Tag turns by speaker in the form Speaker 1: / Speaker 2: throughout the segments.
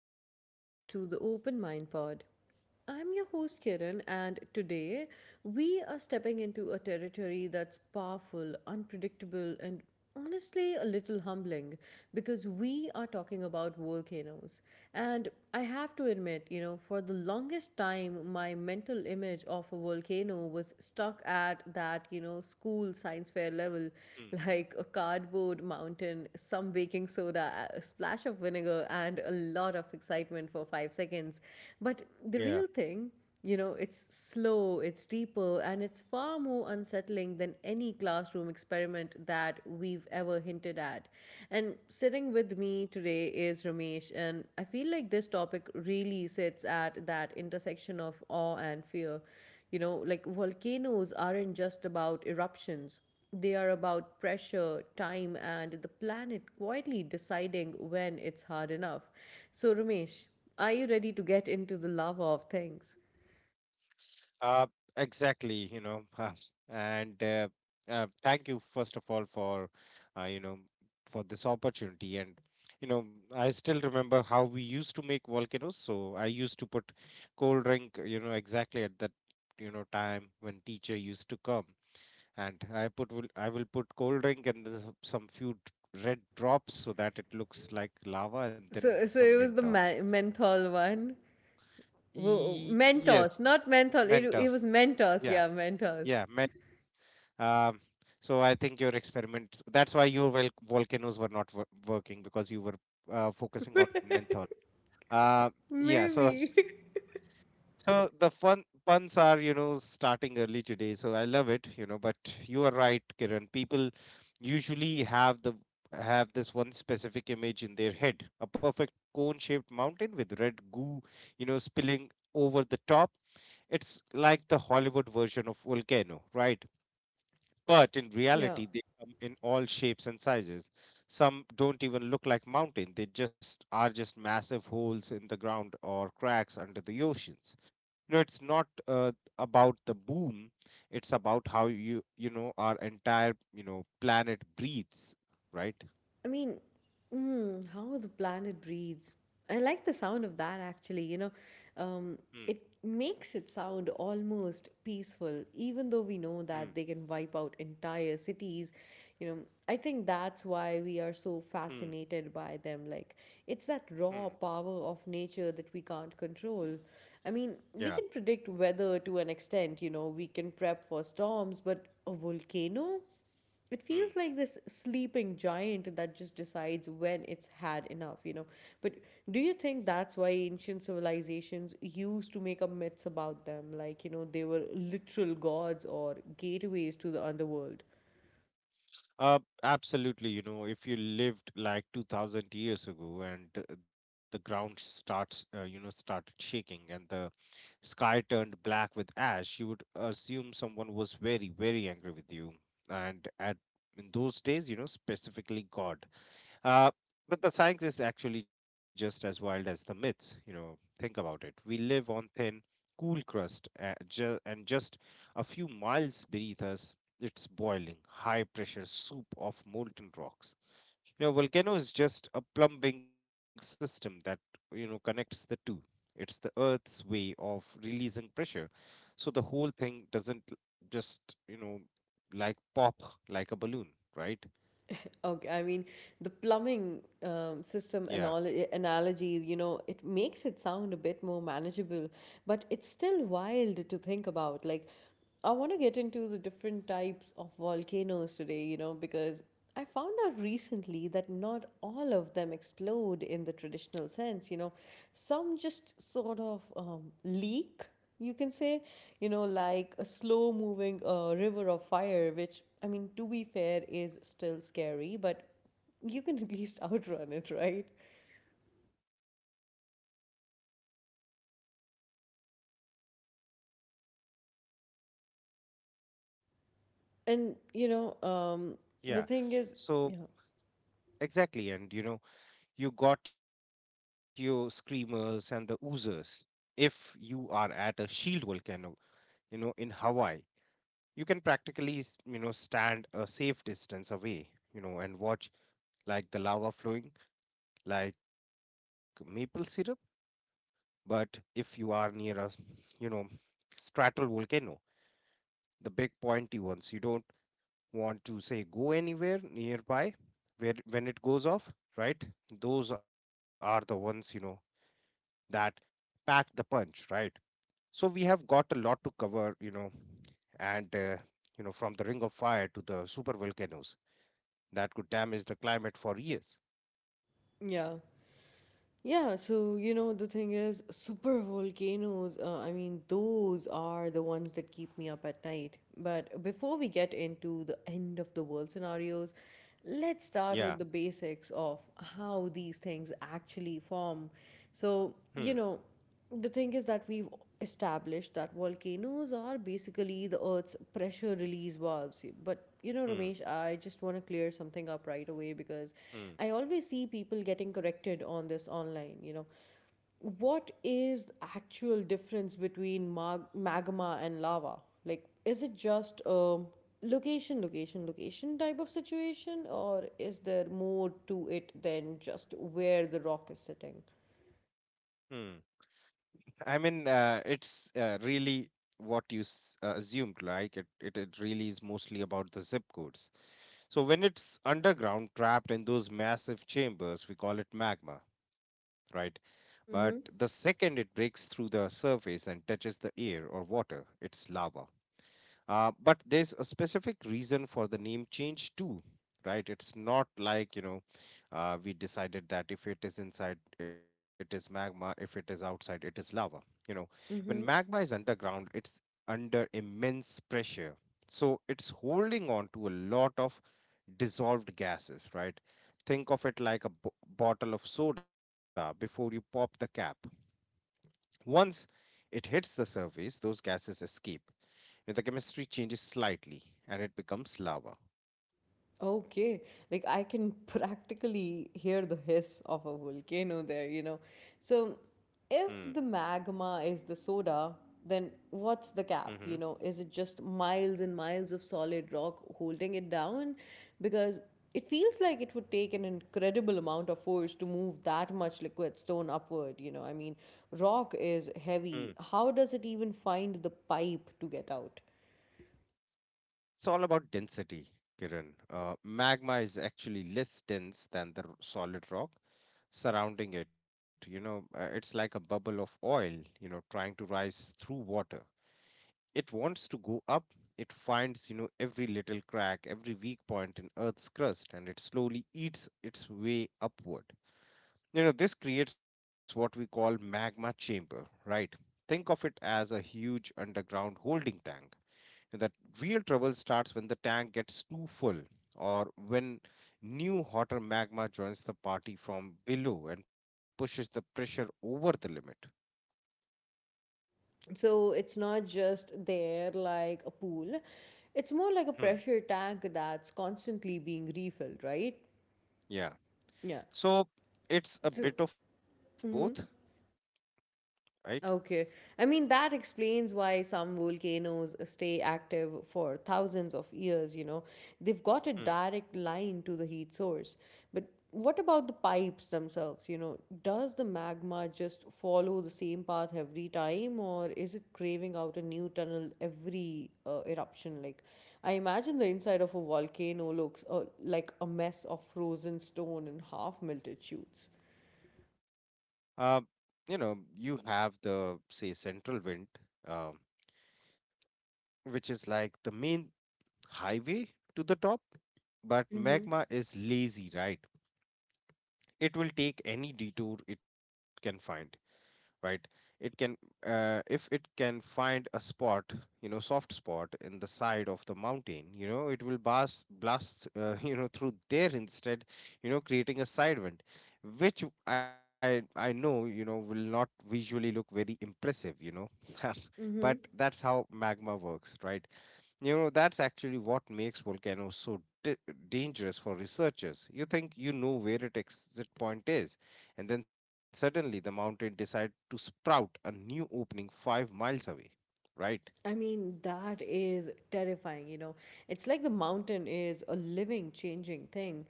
Speaker 1: and welcome back to the Open Mind Pod. I'm your host Kiran, and today we are stepping into a territory that's powerful, unpredictable, and honestly a little humbling because we are talking about volcanoes. And I have to admit, for the longest time, my mental image of a volcano was stuck at that school science fair level,
Speaker 2: Mm,
Speaker 1: like a cardboard mountain, some baking soda, a splash of vinegar, and a lot of excitement for 5 seconds. But the
Speaker 2: Yeah,
Speaker 1: real thing, you know, it's slow, it's deeper, and it's far more unsettling than any classroom experiment that we've ever hinted at. And sitting with me today is Ramesh, and I feel like this topic really sits at that intersection of awe and fear. You know, like volcanoes aren't just about eruptions, they are about pressure, time, and the planet quietly deciding when it's hard enough. So, Ramesh, are you ready to get into the lava of things?
Speaker 2: uh, exactly. You know, and thank you first of all uh, you know, for this opportunity. And you know, I still remember how we used to make volcanoes. So I used to put cold drink, you know, exactly at that, you know, time when teacher used to come, and I will put cold drink and there's some few d- red drops so that it looks like lava, and then
Speaker 1: So
Speaker 2: some
Speaker 1: it was the
Speaker 2: Mentos.
Speaker 1: menthol one. Mentos,
Speaker 2: Yes,
Speaker 1: not menthol. It
Speaker 2: Mentos.
Speaker 1: was Mentos.
Speaker 2: Yeah,
Speaker 1: Yeah, Mentos.
Speaker 2: yeah. Um, so I think your experiment, that's why your volcanoes were not working because you were focusing on menthol. Uh, yeah, so
Speaker 1: Maybe.
Speaker 2: so the fun puns are, you know, starting early today. So I love it, you know, but you are right, Kiran. People usually have the have this one specific image in their head, a perfect cone-shaped mountain with red goo, you know, spilling over the top. It's like the Hollywood version of volcano, right? But in
Speaker 1: Yeah.
Speaker 2: reality, they come in all shapes and sizes. Some don't even look like mountain. They just are just massive holes in the ground or cracks under the oceans. You know, it's not about the boom. It's about how our entire planet breathes, right?
Speaker 1: I mean, mm, how the planet breathes. I like the sound of that actually, you know. Um,
Speaker 2: Hmm.
Speaker 1: it makes it sound almost peaceful, even though we know
Speaker 2: Hmm.
Speaker 1: that they can wipe out entire cities. You know, I think that's why we are so
Speaker 2: Hmm.
Speaker 1: fascinated by them. Like, it's that
Speaker 2: Hmm.
Speaker 1: raw power of nature that we can't control. I mean,
Speaker 2: Yeah.
Speaker 1: we can predict weather to an extent, you know, we can prep for storms, but a volcano? It
Speaker 2: Hmm.
Speaker 1: feels like this sleeping giant that just decides when it's had enough, you know. But do you think that's why ancient civilizations used to make up myths about them? Like, you know, they were literal gods or gateways to the underworld.
Speaker 2: Uh, Absolutely. You know, if you lived like 2000 years ago and the ground started shaking and the sky turned black with ash, you would assume someone was very, very angry with you. And at in those days, you know, specifically God. Uh, but the science is actually just as wild as the myths. You know, think about it. We live on thin, cool crust, and just a few miles beneath us, it's boiling, high pressure soup of molten rocks. You know, volcano is just a plumbing system that, you know, connects the two. It's the Earth's way of releasing pressure. So the whole thing doesn't just, you know, like pop like a balloon, right?
Speaker 1: Okay, I mean, the plumbing system
Speaker 2: Yeah.
Speaker 1: anal- analogy, you know, it makes it sound a bit more manageable, but it's still wild to think about. Like, I want to get into the different types of volcanoes today, you know, because I found out recently that not all of them explode in the traditional sense, you know. Some just sort of leak, you can say, you know, like a slow moving river of fire, which, I mean, to be fair, is still scary, but you can at least outrun it, right? And, you know, the
Speaker 2: Yeah.
Speaker 1: thing is,
Speaker 2: So
Speaker 1: yeah,
Speaker 2: exactly. And, you know, you got your screamers and the oozers. If you are at a shield volcano, you know, in Hawaii, you can practically you know, stand a safe distance away, you know, and watch like the lava flowing like maple syrup, but if you are near a, you know, stratal volcano, the big pointy ones, you don't want to say go anywhere nearby where when it goes off, right? Those are the ones, you know, that pack the punch, right? So we have got a lot to cover, you know, and you know, from the ring of fire to the super volcanoes that could damage the climate for years.
Speaker 1: yeah. Yeah, so you know the thing is, super volcanoes. I mean, those are the ones that keep me up at night. But before we get into the end of the world scenarios, let's start
Speaker 2: yeah
Speaker 1: with the basics of how these things actually form. So
Speaker 2: hmm
Speaker 1: you know. The thing is that we've established that volcanoes are basically the Earth's pressure release valves. But you know,
Speaker 2: hmm
Speaker 1: Ramesh, I just want to clear something up right away because
Speaker 2: hmm
Speaker 1: I always see people getting corrected on this online. You know, what is the actual difference between magma and lava? Like, is it just location, location, location type of situation, or is there more to it than just where the rock is sitting?
Speaker 2: hmm I mean, it's really what you assumed. Like it really is mostly about the zip codes. So when it's underground, trapped in those massive chambers, we call it magma, right? But the
Speaker 1: Mm-hmm.
Speaker 2: second it breaks through the surface and touches the air or water, it's lava. But there's a specific reason for the name change too, right? It's not like, you know, we decided that if it is inside, it is magma, if it is outside, it is lava. You know, when magma
Speaker 1: Mm-hmm.
Speaker 2: is underground, it's under immense pressure. So it's holding on to a lot of dissolved gases, right? Think of it like a bottle of soda before you pop the cap. Once it hits the surface, those gases escape. And the chemistry changes slightly and it becomes lava.
Speaker 1: Okay, like I can practically hear the hiss of a volcano there, you know. So,
Speaker 2: Hmm.
Speaker 1: if the magma is the soda, then what's the
Speaker 2: Mm-hmm.
Speaker 1: cap? You know, is it just miles and miles of solid rock holding it down? Because it feels like it would take an incredible amount of force to move that much liquid stone upward, you know. I mean, rock is heavy. How does it even find the pipe to get out?
Speaker 2: It's all about density, Kiran. Magma is actually less dense than the solid rock surrounding it. You know, it's like a bubble of oil, you know, trying to rise through water. It wants to go up. It finds, you know, every little crack, every weak point in Earth's crust, and it slowly eats its way upward. You know, this creates what we call magma chamber, right? Think of it as a huge underground holding tank. That real trouble starts when the tank gets too full, or when new hotter magma joins the party from below and pushes the pressure over the limit.
Speaker 1: So it's not just there like a pool, it's more like a pressure
Speaker 2: Hmm.
Speaker 1: tank that's constantly being refilled, right?
Speaker 2: Yeah.
Speaker 1: Yeah.
Speaker 2: So it's a
Speaker 1: So,
Speaker 2: bit of both,
Speaker 1: mm-hmm.
Speaker 2: right?
Speaker 1: Okay. I mean, that explains why some volcanoes stay active for thousands of years, you know. They've got a
Speaker 2: Hmm.
Speaker 1: direct line to the heat source. But what about the pipes themselves, you know? Does the magma just follow the same path every time, or is it craving out a new tunnel every eruption? Like, I imagine the inside of a volcano looks like a mess of frozen stone and half melted shoots.
Speaker 2: Uh, you know, you have the, say, central wind, um, which is like the main highway to the top, but
Speaker 1: Mm-hmm.
Speaker 2: magma is lazy, right? It will take any detour it can find, right? It can, if it can find a spot, you know, soft spot in the side of the mountain, you know, it will blast you know, through there instead, you know, creating a side wind, which I know, you know, will not visually look very impressive, you know. But
Speaker 1: Mm-hmm.
Speaker 2: that's how magma works, right? You know, that's actually what makes volcanoes so dangerous for researchers. You think you know where its exit point is, and then suddenly the mountain decides to sprout a new opening 5 miles away. Right?
Speaker 1: I mean, that is terrifying, you know. It's like the mountain is a living, changing thing.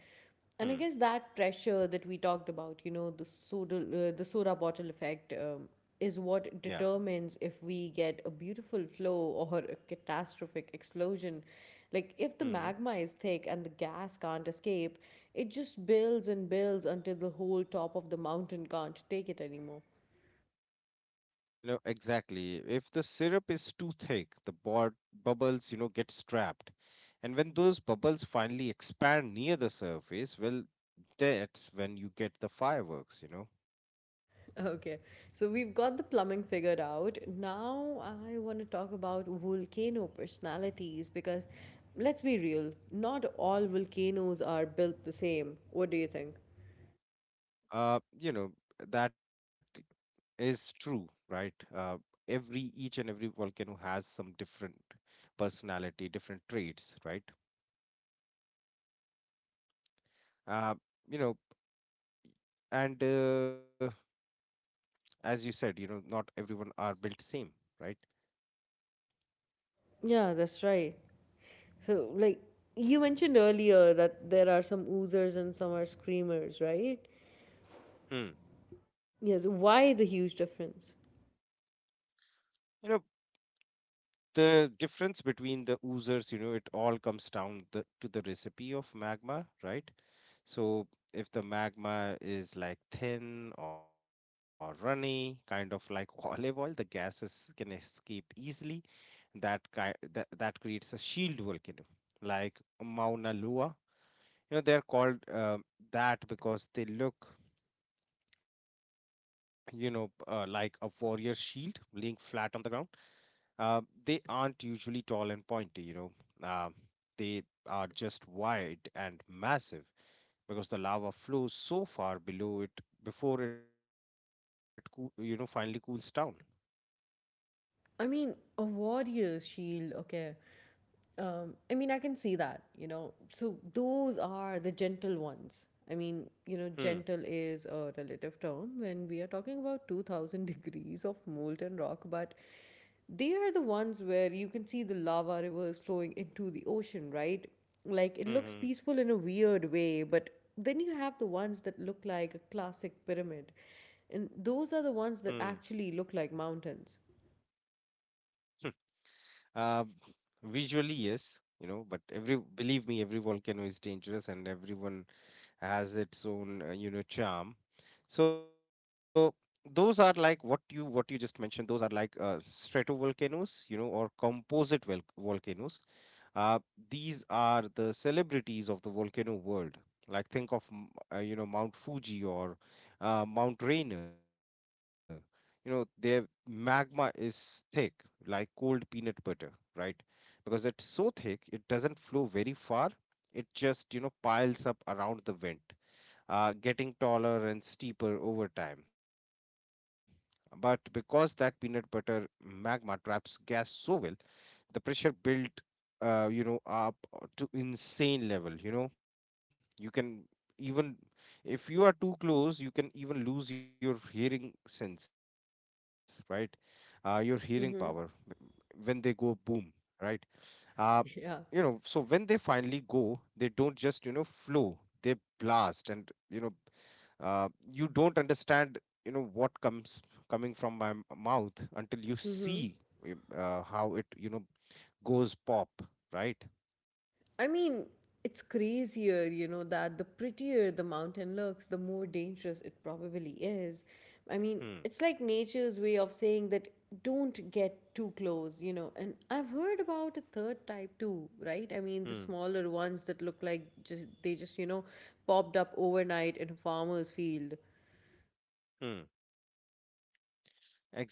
Speaker 1: And I
Speaker 2: Hmm.
Speaker 1: guess that pressure that we talked about, you know, the soda bottle effect, is
Speaker 2: Yeah.
Speaker 1: what determines if we get a beautiful flow or a catastrophic explosion. Like, if
Speaker 2: Mm-hmm.
Speaker 1: the magma is thick and the gas can't escape, it just builds and builds until the whole top of the mountain can't take it anymore.
Speaker 2: You know, exactly. If the syrup is too thick, the board bubbles, you know, get trapped. And when those bubbles finally expand near the surface, well, that's when you get the fireworks, you know.
Speaker 1: Okay, so we've got the plumbing figured out. Now I want to talk about volcano personalities because let's be real, not all volcanoes are built the same. What do you think?
Speaker 2: You know, that is true, right? Every, each and every volcano has some different personality, different traits, right? Uh, you know, and as you said, you know, not everyone are built same, right?
Speaker 1: Yeah, that's right. So, like you mentioned earlier, that there are some oozers and some are screamers, right?
Speaker 2: Hmm.
Speaker 1: Yes. Why the huge difference?
Speaker 2: You know, the difference between the oozers, you know, it all comes to the recipe of magma, right? So if the magma is like thin or runny, kind of like olive oil, the gases can escape easily. That creates a shield volcano like Mauna Loa. You know, they're called that because they look, you know, like a warrior shield laying flat on the ground. Uh, they aren't usually tall and pointy, you know. Um they are just wide and massive because the lava flows so far below it before it you know, finally cools down.
Speaker 1: I mean, a warrior's shield, okay. I mean, I can see that, you know. So those are the gentle ones. I mean, you know,
Speaker 2: Hmm.
Speaker 1: gentle is a relative term when we are talking about 2000 degrees of molten rock, but they are the ones where you can see the lava rivers flowing into the ocean, right? Like it
Speaker 2: Hmm.
Speaker 1: looks peaceful in a weird way, but then you have the ones that look like a classic pyramid. And
Speaker 2: Hmm. hmm.
Speaker 1: those are the ones that actually look like mountains.
Speaker 2: Uh, Visually, yes, you know, but every, believe me, every volcano is dangerous, and everyone has its own, you know, charm. So those are like what you just mentioned. Those are like stratovolcanoes, you know, or composite volcanoes. uh, these are the celebrities of the volcano world. Like think of you know, Mount Fuji or Mount Rainier. You know, their magma is thick, like cold peanut butter, right? Because it's so thick, it doesn't flow very far. It just, you know, piles up around the vent, getting taller and steeper over time. But because that peanut butter magma traps gas so well, the pressure built you know, up to insane level, you know. You can even, if you are too close, you can even lose your hearing sense, right? Your hearing power when they
Speaker 1: Mm-hmm.
Speaker 2: go boom, right? uh, you know, so when they
Speaker 1: Yeah.
Speaker 2: finally go, they don't just, you know, flow, they blast. And you know, uh, you don't understand, you know, what comes coming from my mouth until you see
Speaker 1: Mm-hmm.
Speaker 2: how it, you know, goes pop, right?
Speaker 1: I mean, it's crazier, you know, that the prettier the mountain looks, the more dangerous it probably is. I mean,
Speaker 2: Hmm.
Speaker 1: it's like nature's way of saying that don't get too close, you know. And I've heard about a third type too, right? I mean, the
Speaker 2: Hmm.
Speaker 1: smaller ones that look like just they just, you know, popped up overnight in a farmer's field.
Speaker 2: Hmm. Exactly, you know,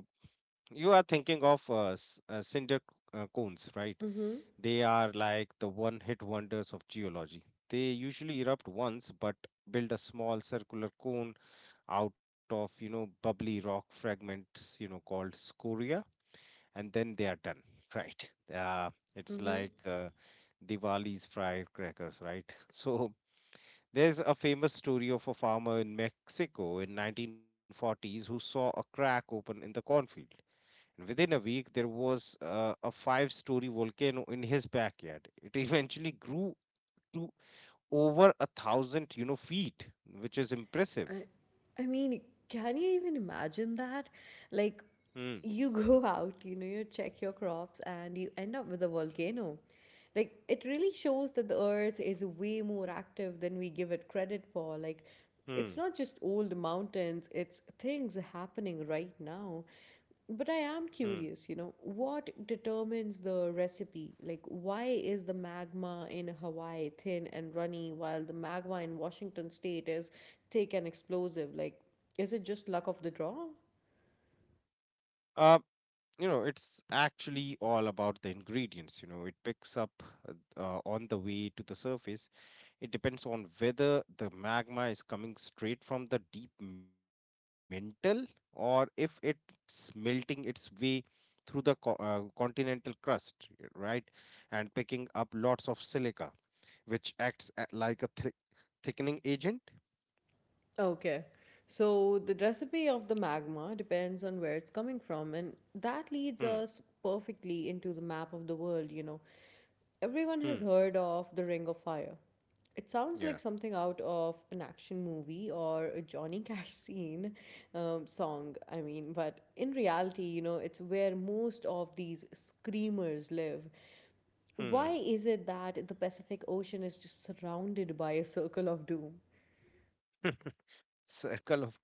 Speaker 2: you are thinking of cinder cones, right?
Speaker 1: Mm-hmm.
Speaker 2: They are like the one-hit wonders of geology. They usually erupt once, but build a small circular cone out of, you know, bubbly rock fragments, you know, called scoria, and then they are done, right? Uh, it's
Speaker 1: Mm-hmm.
Speaker 2: like Diwali's firecrackers, right? So there's a famous story of a farmer in Mexico in 1940s who saw a crack open in the cornfield. And within a week, there was a five-story volcano in his backyard. It eventually grew to over 1,000, you know, feet, which is impressive.
Speaker 1: I, I mean, can you even imagine that? Like,
Speaker 2: Hmm,
Speaker 1: you go out, you know, you check your crops and you end up with a volcano. Like, it really shows that the earth is way more active than we give it credit for. Like,
Speaker 2: hmm,
Speaker 1: it's not just old mountains, it's things happening right now. But I
Speaker 2: hmm.
Speaker 1: am curious, you know, what determines the recipe? Like, why is the magma in Hawaii thin and runny while the magma in Washington state is thick and explosive? Like, is it just luck of the draw?
Speaker 2: Uh, you know, it's actually all about the ingredients. You know, it picks up uh, on the way to the surface. It depends on whether the magma is coming straight from the deep mantle, or if it's melting its way through the continental crust, right? And picking up lots of silica, which acts like a thickening agent.
Speaker 1: Okay. So, the recipe of the magma depends on where it's coming from, and that leads us
Speaker 2: Hmm.
Speaker 1: perfectly into the map of the world, you know. Everyone has heard
Speaker 2: Hmm.
Speaker 1: of The Ring of Fire. It sounds like something
Speaker 2: Yeah.
Speaker 1: out of an action movie or a Johnny Cash scene song, I
Speaker 2: Yeah.
Speaker 1: mean, but in reality, you know, it's where most of these screamers live. Why is it that
Speaker 2: Hmm.
Speaker 1: the Pacific Ocean is just surrounded by a circle of doom?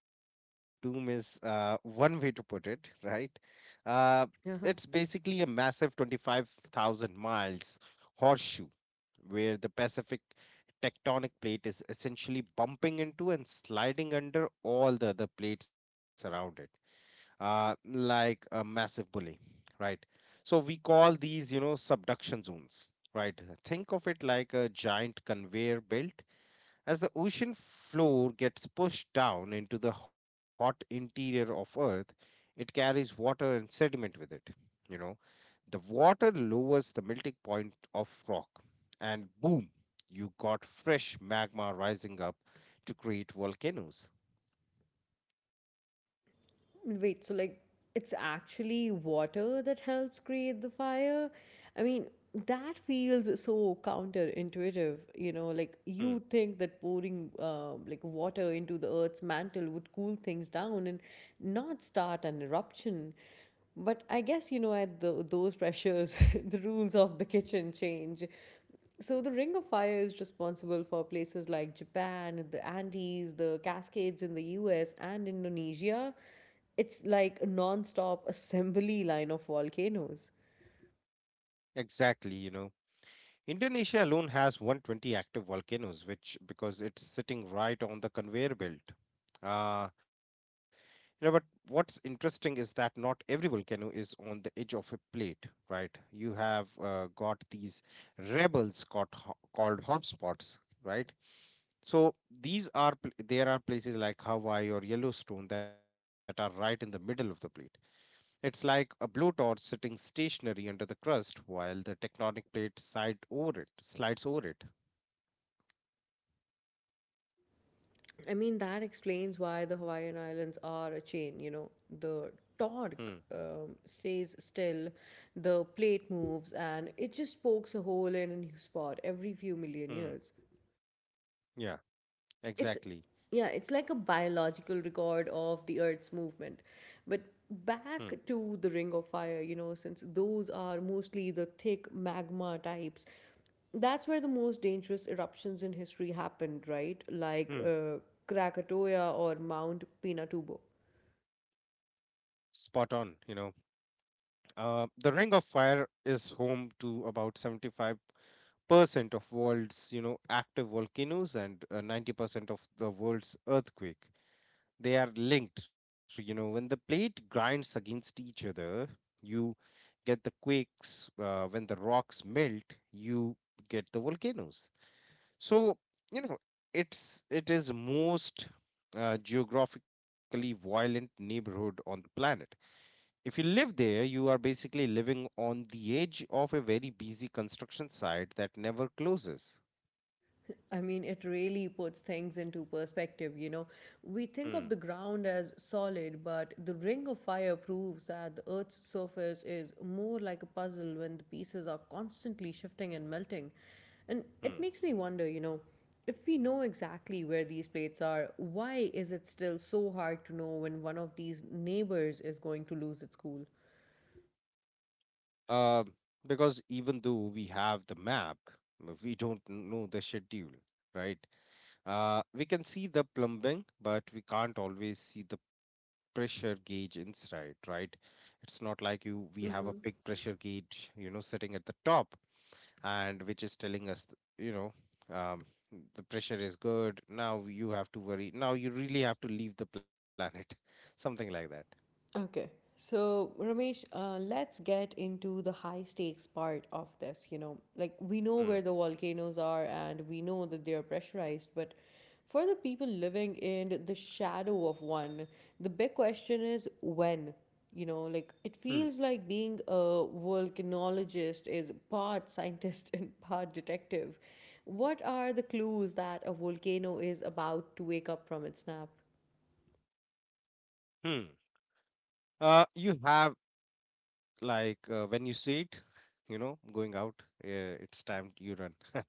Speaker 2: Circle of doom is one way to put it, right? Uh,
Speaker 1: Uh-huh.
Speaker 2: it's basically a massive 25,000 miles horseshoe where the Pacific tectonic plate is essentially bumping into and sliding under all the other plates around it, like a massive bully, right? So we call these, you know, subduction zones, right? Think of it like a giant conveyor belt. As the ocean floor gets pushed down into the hot interior of Earth, it carries water and sediment with it. You know, the water lowers the melting point of rock, and boom, you got fresh magma rising up to create volcanoes.
Speaker 1: Wait, so like it's actually water that helps create the fire? I mean, that feels so counterintuitive, you know, like
Speaker 2: Hmm.
Speaker 1: you think that pouring like water into the earth's mantle would cool things down and not start an eruption. But I guess, you know, at the, those pressures, the rules of the kitchen change. So the Ring of Fire is responsible for places like Japan, the Andes, the Cascades in the US and Indonesia. It's like a non-stop assembly line of volcanoes.
Speaker 2: Exactly. Indonesia alone has 120 active volcanoes, which because it's sitting right on the conveyor belt. Uh, Yeah, but what's interesting is that not every volcano is on the edge of a plate, right? You have got these rebels called, called hotspots, right? So there are places like Hawaii or Yellowstone that are right in the middle of the plate. It's like a blowtorch sitting stationary under the crust while the tectonic plate side over it slides over it.
Speaker 1: I mean, that explains why the Hawaiian Islands are a chain, you know, the
Speaker 2: Hmm.
Speaker 1: torque stays still, the plate moves, and it just pokes a hole in a new spot every few million
Speaker 2: Hmm.
Speaker 1: years.
Speaker 2: Yeah.
Speaker 1: It's
Speaker 2: Exactly.
Speaker 1: yeah, it's like a biological record of the earth's movement, but
Speaker 2: Hmm.
Speaker 1: back to the ring of fire, you know, since those are mostly the thick magma types, that's where the most dangerous eruptions in history happened, right? Like
Speaker 2: Hmm.
Speaker 1: Krakatoa or Mount Pinatubo.
Speaker 2: Spot on. The Ring of Fire is home to about 75% of world's, active volcanoes and 90% of the world's earthquake. They are linked, so, when the plate grinds against each other, you get the quakes. When the rocks melt, you get the volcanoes. So, you know, it is most geographically violent neighborhood on the planet. If you live there, you are basically living on the edge of a very busy construction site that never closes.
Speaker 1: I mean, it really puts things into perspective, you know. We think of
Speaker 2: Hmm.
Speaker 1: the ground as solid, but the ring of fire proves that the Earth's surface is more like a puzzle when the pieces are constantly shifting and melting. And
Speaker 2: Hmm.
Speaker 1: it makes me wonder, you know, if we know exactly where these plates are, why is it still so hard to know when one of these neighbors is going to lose its cool?
Speaker 2: Um, because even though we have the map, we don't know the schedule, right? We can see the plumbing, but we can't always see the pressure gauge inside, right? It's not like you we have a big
Speaker 1: Mm-hmm.
Speaker 2: pressure gauge, sitting at the top, and which is telling us, you know, um, the pressure is good. Now you have to worry. Now you really have to leave the planet, something like that.
Speaker 1: Okay. So, Ramesh, let's get into the high stakes part of this. You know, like we know where
Speaker 2: Hmm.
Speaker 1: the volcanoes are and we know that they are pressurized, but for the people living in the shadow of one, the big question is when. You know, like it
Speaker 2: Hmm.
Speaker 1: feels like being a volcanologist is part scientist and part detective. What are the clues that a volcano is about to wake up from its nap?
Speaker 2: Hmm. You have like when you see it, going out. It's time you run.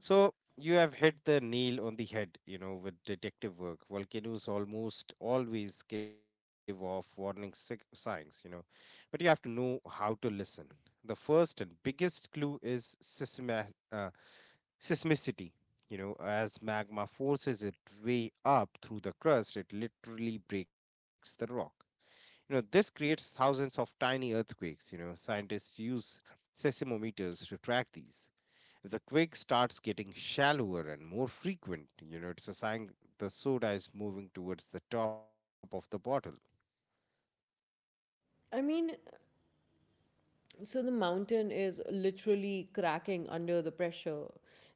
Speaker 2: So you have hit the nail on the head, with detective work. Volcanoes almost always give off warning signs, but you have to know how to listen. The first and biggest clue is seismicity. As magma forces its way up through the crust, it literally breaks the rock. This creates thousands of tiny earthquakes. Scientists use seismometers to track these. The quake starts getting shallower and more frequent. It's a sign the soda is moving towards the top of the bottle.
Speaker 1: I mean, so the mountain is literally cracking under the pressure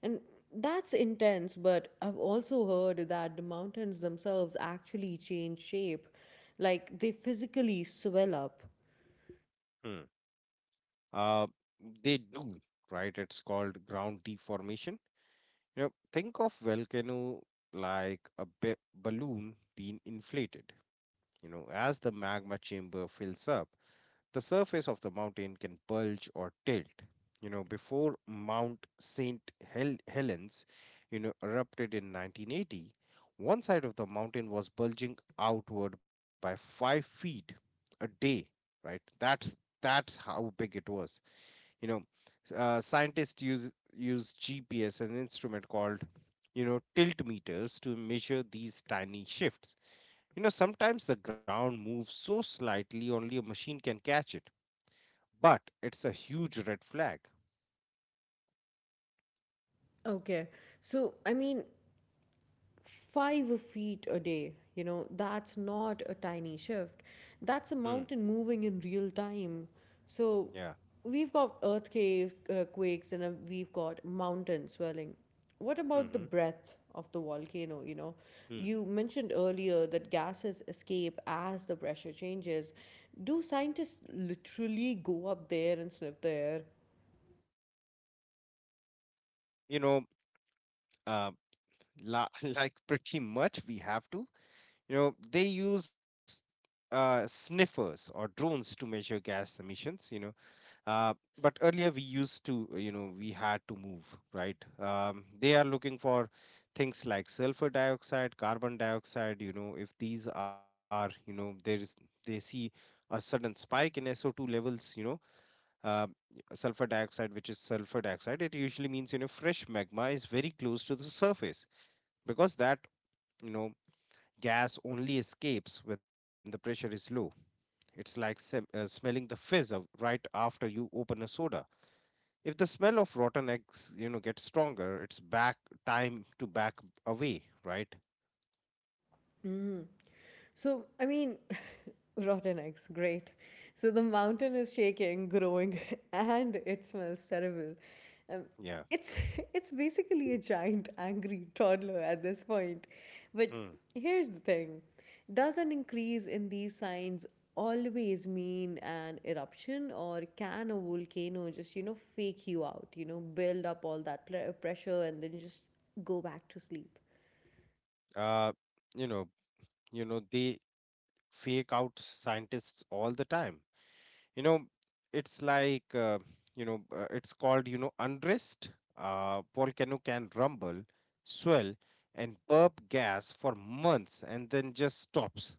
Speaker 1: and that's intense, but I've also heard that the mountains themselves actually change shape, like they physically swell up.
Speaker 2: Hmm. Uh, they do, right? It's called ground deformation. Think of volcano like a balloon being inflated. As the magma chamber fills up, the surface of the mountain can bulge or tilt. Before Mount St. Helens, erupted in 1980, one side of the mountain was bulging outward by 5 feet a day, right? That's how big it was. You know, scientists use GPS, an instrument called, tilt meters to measure these tiny shifts. Sometimes the ground moves so slightly only a machine can catch it, but it's a huge red flag.
Speaker 1: Okay, so 5 feet a day. You know, that's not a tiny shift. That's a
Speaker 2: Hmm.
Speaker 1: mountain moving in real time. So
Speaker 2: Yeah.
Speaker 1: we've got earthquakes, quakes, and we've got mountain swelling. What about the
Speaker 2: Mm-hmm.
Speaker 1: breath of the volcano? You know,
Speaker 2: Hmm.
Speaker 1: you mentioned earlier that gases escape as the pressure changes. Do scientists literally go up there and sniff the air?
Speaker 2: You know, uh, like pretty much we have to. They use sniffers or drones to measure gas emissions. Uh, but earlier we used to, we had to move, right? They are looking for things like sulfur dioxide, carbon dioxide. If these are, there is they see a sudden spike in SO2 levels. Um, sulfur dioxide, which is sulfur dioxide, it usually means fresh magma is very close to the surface because that, you know gas only escapes when the pressure is low. It's like smelling the fizz of right after you open a soda. If the smell of rotten eggs, gets stronger, it's back time to back away, right?
Speaker 1: Mm. So, I mean, Rotten eggs, great. So the mountain is shaking, growing, and it smells terrible. Um,
Speaker 2: Yeah.
Speaker 1: it's it's basically a giant angry toddler at this point. But
Speaker 2: Hmm.
Speaker 1: here's the thing: does an increase in these signs always mean an eruption, or can a volcano just fake you out? You know, build up all that pressure and then just go back to sleep.
Speaker 2: Uh, you know, they fake out scientists all the time, you know it's like uh, it's called, unrest. Volcano can rumble, swell, and burp gas for months and then just stops.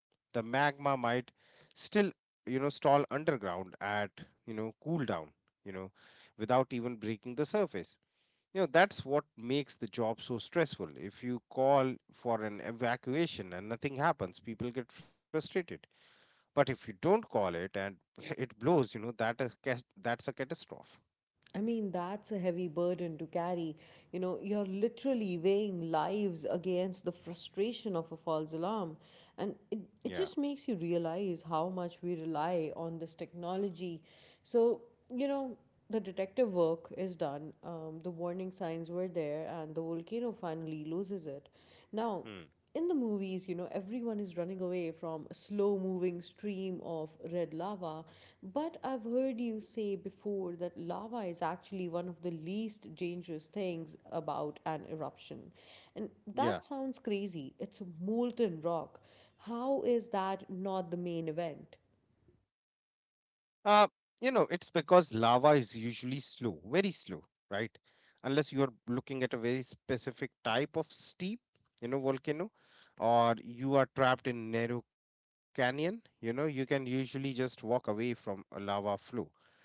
Speaker 2: The magma might still, stall underground at, cool down, you know without even breaking the surface. That's what makes the job so stressful. If you call for an evacuation and nothing happens, people get frustrated, but if you don't call it and it blows, that's a catastrophe.
Speaker 1: I mean, that's a heavy burden to carry. You know, you're literally weighing lives against the frustration of a false alarm. And it,
Speaker 2: Yeah.
Speaker 1: it just makes you realize how much we rely on this technology. So, you know, the detective work is done, the warning signs were there, and the volcano finally loses it. Now,
Speaker 2: Hmm.
Speaker 1: in the movies, you know, everyone is running away from a slow moving stream of red lava. But I've heard you say before that lava is actually one of the least dangerous things about an eruption. And
Speaker 2: Yeah.
Speaker 1: that sounds crazy. It's molten rock. How is that not the main event?
Speaker 2: Uh, it's because lava is usually slow, very slow, right? Unless you're looking at a very specific type of steep, volcano, or you are trapped in narrow canyon, you can usually just walk away from a lava flow.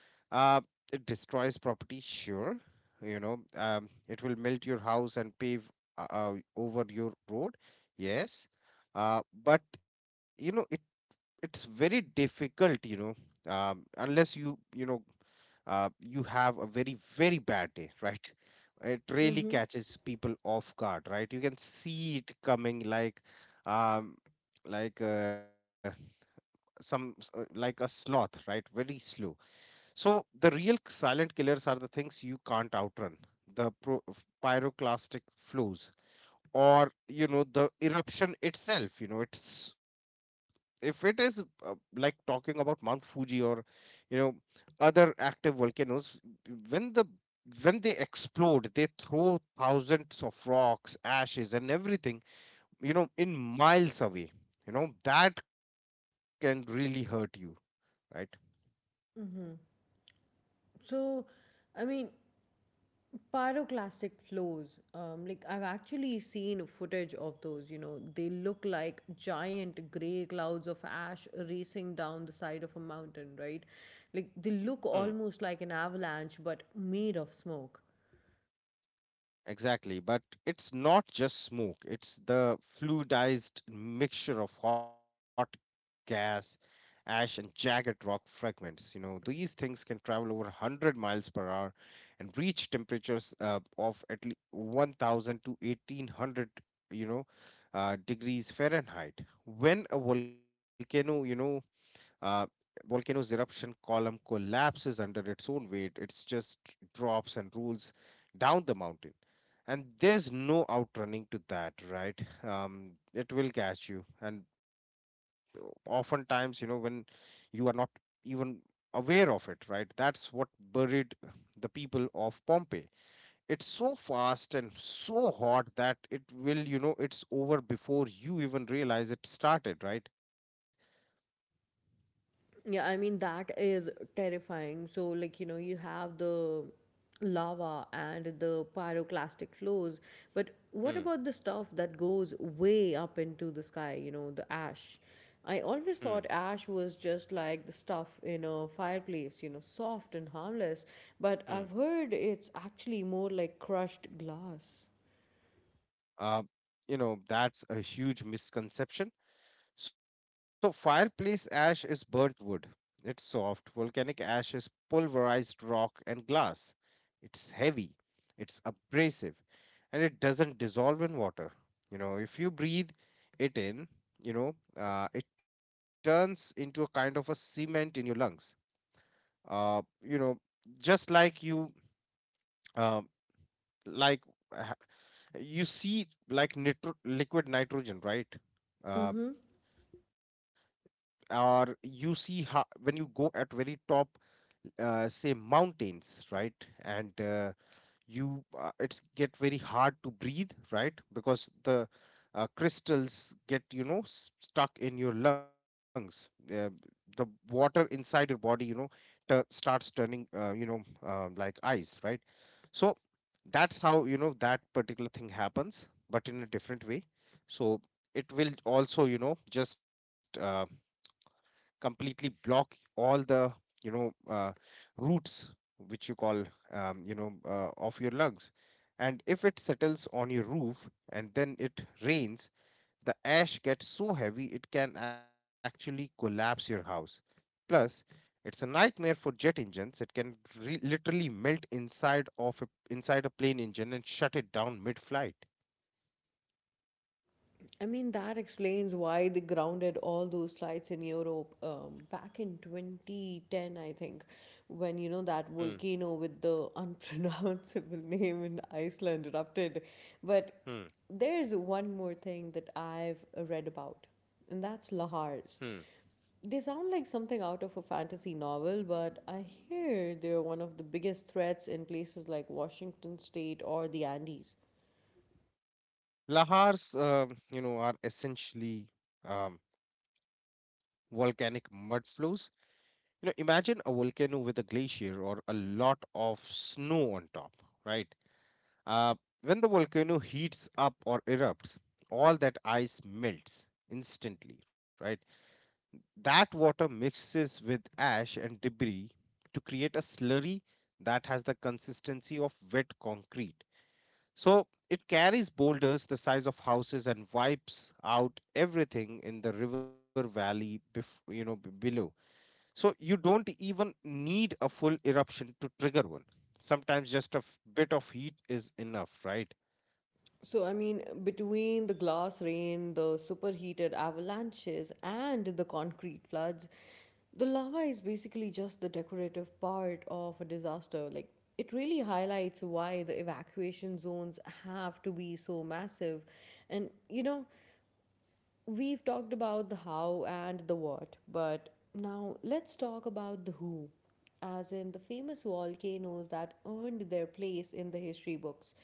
Speaker 2: Uh, it destroys property, sure. It will melt your house and pave, over your road. Yes. But you know, it's very difficult, unless you have a very very bad day, right? It really
Speaker 1: Mm-hmm.
Speaker 2: catches people off guard, right? You can see it coming like, um, like like a sloth, right? Very slow, so the real silent killers are the things you can't outrun, the pyroclastic flows, or, the eruption itself. It's if it is, like talking about Mount Fuji or, you know other active volcanoes, when the when they explode, they throw thousands of rocks, ashes, and everything, in miles away. That can really hurt you, right?
Speaker 1: So, I mean, Pyroclastic flows, like I've actually seen footage of those. You know, they look like giant gray clouds of ash racing down the side of a mountain, right? Like they
Speaker 2: Mm,
Speaker 1: look almost like an avalanche but made of smoke.
Speaker 2: exactly. But it's not just smoke, it's the fluidized mixture of hot gas, ash, and jagged rock fragments. These things can travel over 100 miles per hour and reach temperatures, of at least 1000 to 1800, you know, degrees Fahrenheit. When a volcano, you know, Uh, volcano's eruption column collapses under its own weight, it's just drops and rolls down the mountain. And there's no outrunning to that, right? It will catch you. And oftentimes, when you are not even aware of it, right? That's what buried the people of Pompeii. It's so fast and so hot that it will, it's over before you even realize it started, right?
Speaker 1: Yeah, I mean, that is terrifying. So, like, you know, you have the lava and the pyroclastic flows, but what
Speaker 2: Hmm.
Speaker 1: about the stuff that goes way up into the sky, you know, the ash? I
Speaker 2: Hmm.
Speaker 1: always thought ash was just like the stuff in a fireplace, you know, soft and harmless, but
Speaker 2: Hmm.
Speaker 1: I've heard it's actually more like crushed glass.
Speaker 2: Uh, that's a huge misconception. So, fireplace ash is burnt wood. It's soft. Volcanic ash is pulverized rock and glass. It's heavy, it's abrasive, and it doesn't dissolve in water. If you breathe it in, you know, it turns into a kind of a cement in your lungs. Uh, you know, just like you, um like, ha- you see like liquid nitrogen, right. uh, or you see how, when you go at very top, say mountains, right. And, you, it's get very hard to breathe, right, because the, crystals get, stuck in your lungs. The water inside your body, starts turning, like ice, right. So that's how, that particular thing happens but in a different way. So it will also, just, completely block all the, you know uh, roots which you call, of your lungs. And if it settles on your roof and then it rains, the ash gets so heavy it can actually collapse your house. Plus, it's a nightmare for jet engines. It can, literally melt inside inside a plane engine and shut it down mid-flight.
Speaker 1: I mean, that explains why they grounded all those flights in Europe, back in 2010, I think, when, you know, that
Speaker 2: Hmm.
Speaker 1: volcano with the unpronounceable name in Iceland erupted. But
Speaker 2: Hmm.
Speaker 1: there's one more thing that I've read about, and that's
Speaker 2: Hmm.
Speaker 1: lahars. They sound like something out of a fantasy novel, but I hear they're one of the biggest threats in places like Washington State or the Andes.
Speaker 2: Lahars, are essentially, um, volcanic mud flows. Imagine a volcano with a glacier or a lot of snow on top, right? Uh, when the volcano heats up or erupts, all that ice melts instantly, right? That water mixes with ash and debris to create a slurry that has the consistency of wet concrete. So it carries boulders the size of houses and wipes out everything in the river valley below. So you don't even need a full eruption to trigger one. Sometimes just a bit of heat is enough, right?
Speaker 1: So, I mean, between the glass rain, the superheated avalanches, and the concrete floods, the lava is basically just the decorative part of a disaster. Like, it really highlights why the evacuation zones have to be so massive. And, you know, we've talked about the how and the what, but now let's talk about the who, as in the famous volcanoes that earned their place in the history books.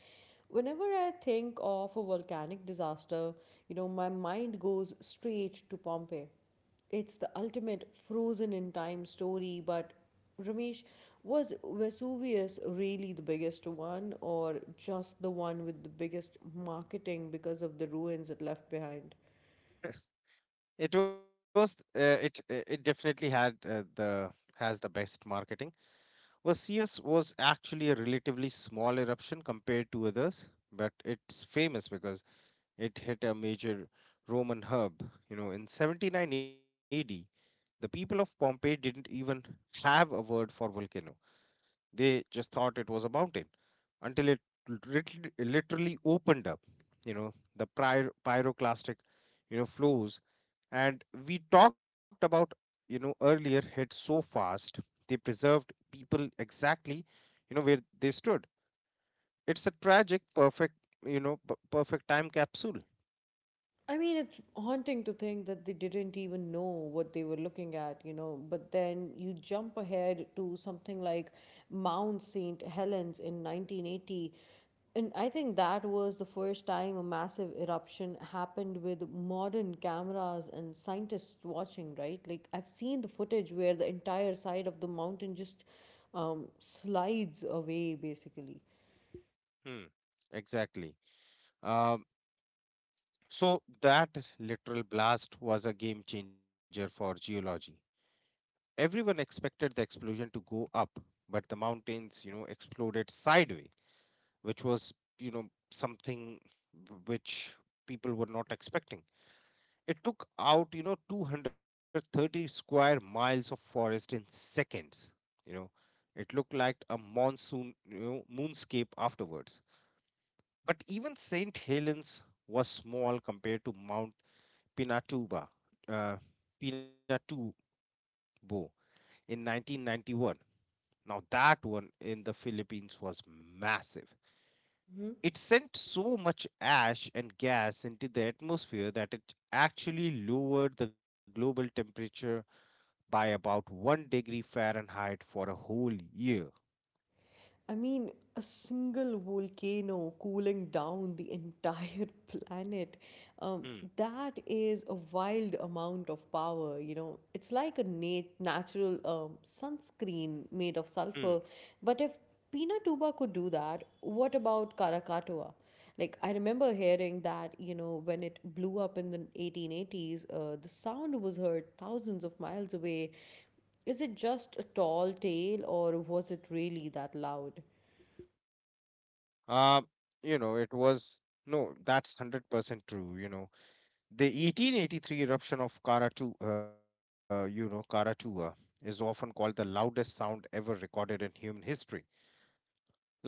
Speaker 1: Whenever I think of a volcanic disaster, you know, my mind goes straight to Pompeii. It's the ultimate frozen in time story, but Ramesh, was Vesuvius really the biggest one, or just the one with the biggest marketing because of the ruins it left behind?
Speaker 2: It was, it definitely had the has the best marketing. Vesuvius was actually a relatively small eruption compared to others, but it's famous because it hit a major Roman hub. In 79 AD, the people of Pompeii didn't even have a word for volcano. They just thought it was a mountain until it literally opened up. The pyroclastic, flows, and we talked about, earlier, hit so fast they preserved people exactly, where they stood. It's a tragic perfect, perfect time capsule.
Speaker 1: I mean, it's haunting to think that they didn't even know what they were looking at, you know. But then you jump ahead to something like Mount St. Helens in 1980. And I think that was the first time a massive eruption happened with modern cameras and scientists watching, right? Like, I've seen the footage where the entire side of the mountain just slides away, basically.
Speaker 2: Hmm. Exactly. um, so that literal blast was a game changer for geology. Everyone expected the explosion to go up, but the mountains, exploded sideways, which was, you know, something which people were not expecting. It took out, 230 square miles of forest in seconds. You know, it looked like a moonscape afterwards. But even St. Helens was small compared to Mount Pinatuba, uh, Pinatubo in 1991. Now, that one in the Philippines was massive. It sent so much ash and gas into the atmosphere that it actually lowered the global temperature by about 1 degree Fahrenheit for a whole year.
Speaker 1: I mean, a single volcano cooling down the entire planet. Um,
Speaker 2: Hmm.
Speaker 1: that is a wild amount of power, you know. It's like a natural sunscreen made of
Speaker 2: Hmm.
Speaker 1: sulfur. But if Pinatuba could do that, what about Karakatoa? Like, I remember hearing that, you know, when it blew up in the 1880s, the sound was heard thousands of miles away. Is it just a tall tale or was it really that loud?
Speaker 2: Uh, you know, it was no, that's 100% true. The 1883 eruption of Karatua is often called the loudest sound ever recorded in human history. Like,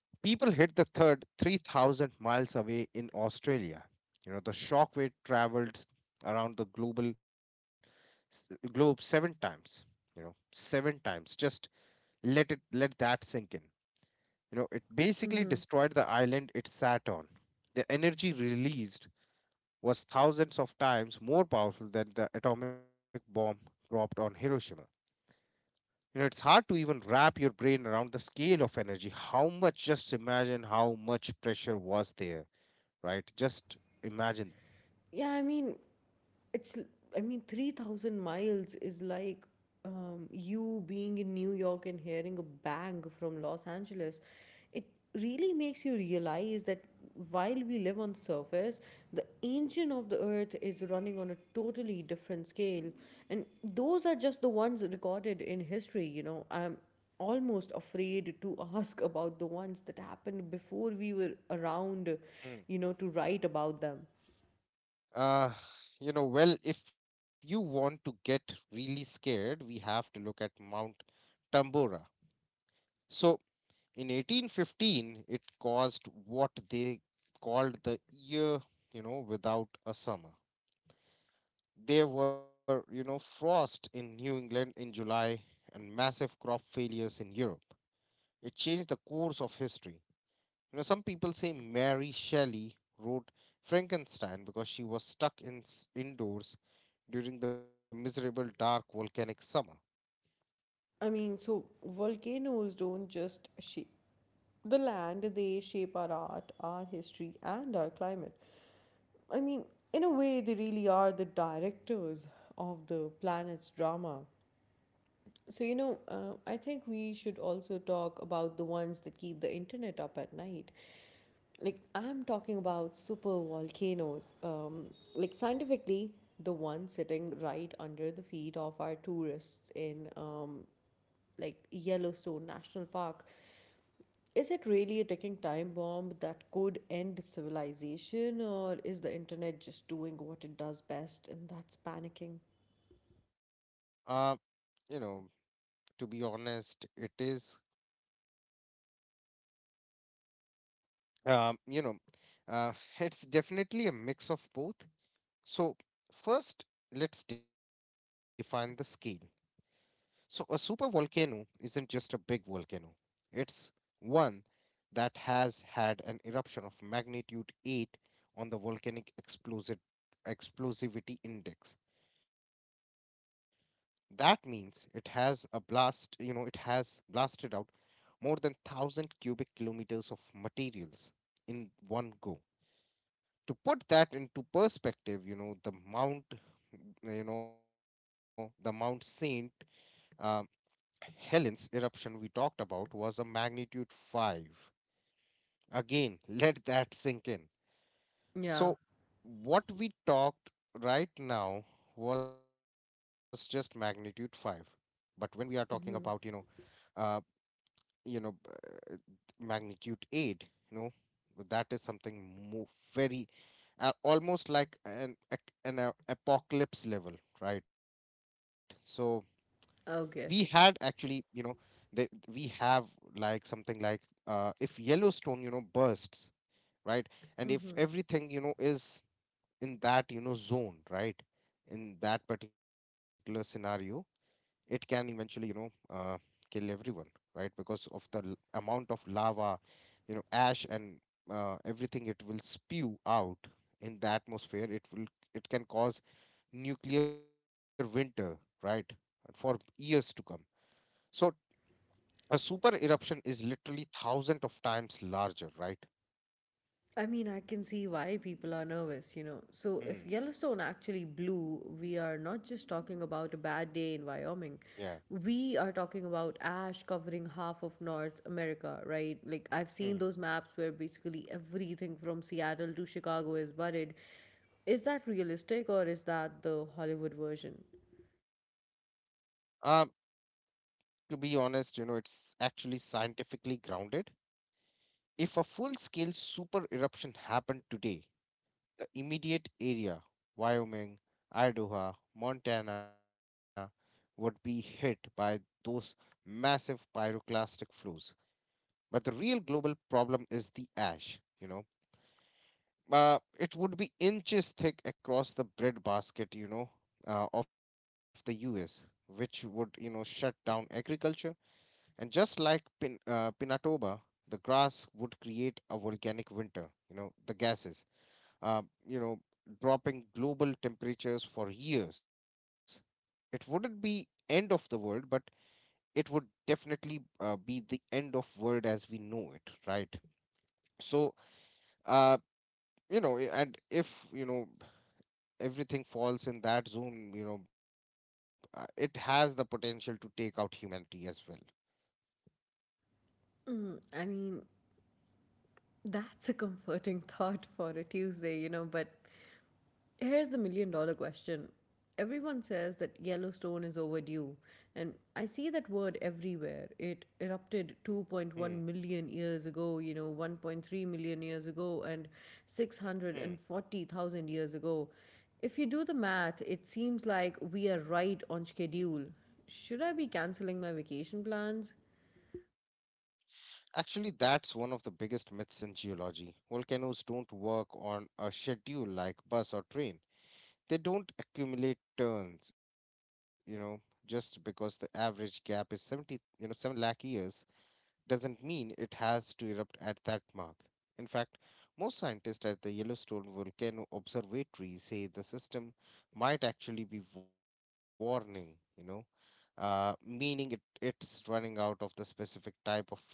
Speaker 2: people hit the third 3,000 miles away in Australia. The shockwave traveled around the globe seven times. You know, 7 times. Just let that sink in. It basically destroyed the island it sat on. The energy released was thousands of times more powerful than the atomic bomb dropped on Hiroshima. It's hard to even wrap your brain around the scale of energy. Just imagine how much pressure was there, right? Just imagine.
Speaker 1: Yeah, I mean, it's I mean, 3,000 miles is like, you being in New York and hearing a bang from Los Angeles. It really makes you realize that while we live on surface, the engine of the earth is running on a totally different scale. And those are just the ones recorded in history. You know, I'm almost afraid to ask about the ones that happened before we were around,
Speaker 2: Mm.
Speaker 1: you know, to write about them.
Speaker 2: Uh, well, if you want to get really scared, we have to look at Mount Tambora. So, in 1815, it caused what they called the year without a summer. There were, frost in New England in July and massive crop failures in Europe. It changed the course of history. You know, some people say Mary Shelley wrote Frankenstein because she was stuck indoors during the miserable dark volcanic summer.
Speaker 1: I mean, so volcanoes don't just shape the land, they shape our art, our history, and our climate. I mean, in a way, they really are the directors of the planet's drama. So, you know, I think we should also talk about the ones that keep the internet up at night. Like, I'm talking about super volcanoes. Like, scientifically, the one sitting right under the feet of our tourists in like Yellowstone National Park. Is it really a ticking time bomb that could end civilization, or is the internet just doing what it does best, and that's panicking?
Speaker 2: Uh, you know, to be honest, it is um, you know, uh, it's definitely a mix of both. So first, let's define the scale. So a supervolcano isn't just a big volcano. It's one that has had an eruption of magnitude 8 on the volcanic explosive explosivity index. That means it has blasted out more than 1,000 cubic kilometers of materials in one go. To put that into perspective, the Mount Saint um, Helen's eruption we talked about was a magnitude 5. Again, let that sink in.
Speaker 1: Yeah.
Speaker 2: So, what we talked right now was just magnitude 5. But when we are talking about,
Speaker 1: Mm-hmm.
Speaker 2: uh, you know, b- magnitude 8, you know, that is something more very almost like an apocalypse level, right? So, we had
Speaker 1: Okay.
Speaker 2: actually you know they, we have like something like if Yellowstone bursts, right, and if everything is in that zone, right, in that particular scenario, it can eventually uh, kill everyone, right, because of the amount of lava, ash and everything it will spew out in the atmosphere. It will, it can cause nuclear winter, right, and for years to come. So a super eruption is literally thousands of times larger, right?
Speaker 1: I mean, I can see why people are nervous, you know. So, if Yellowstone
Speaker 2: Hmm.
Speaker 1: actually blew, we are not just talking about a bad day in Wyoming. We are
Speaker 2: Yeah.
Speaker 1: talking about ash covering half of North America, right? Like, I've seen those maps where
Speaker 2: Hmm.
Speaker 1: basically everything from Seattle to Chicago is buried. Is that realistic or is that the Hollywood version?
Speaker 2: Um, to be honest, it's actually scientifically grounded. If a full scale super eruption happened today, the immediate area, Wyoming, Idaho, Montana, would be hit by those massive pyroclastic flows. But the real global problem is the ash, uh, it would be inches thick across the bread basket, of the US, which would, shut down agriculture. And just like Pinatoba, the grass would create a volcanic winter, the gases, uh, you know, dropping global temperatures for years. It wouldn't be end of the world, but it would definitely be the end of world as we know it, right? So, uh, and if, everything falls in that zone, it has the potential to take out humanity as well.
Speaker 1: Mm, I mean, that's a comforting thought for a Tuesday, you know, but here's the million dollar question. Everyone says that Yellowstone is overdue, and I see that word everywhere. It erupted
Speaker 2: Hmm.
Speaker 1: 2.1 million years ago, you know, 1.3 million years ago, and
Speaker 2: Hmm.
Speaker 1: 640,000 years ago. If you do the math, it seems like we are right on schedule. Should I be canceling my vacation plans?
Speaker 2: Actually, that's one of the biggest myths in geology. Volcanoes don't work on a schedule like bus or train. They don't accumulate turns, just because the average gap is 70, 7 lakh years, doesn't mean it has to erupt at that mark. In fact, most scientists at the Yellowstone Volcano Observatory say the system might actually be warning, you know, meaning it's running out of the specific type of fuel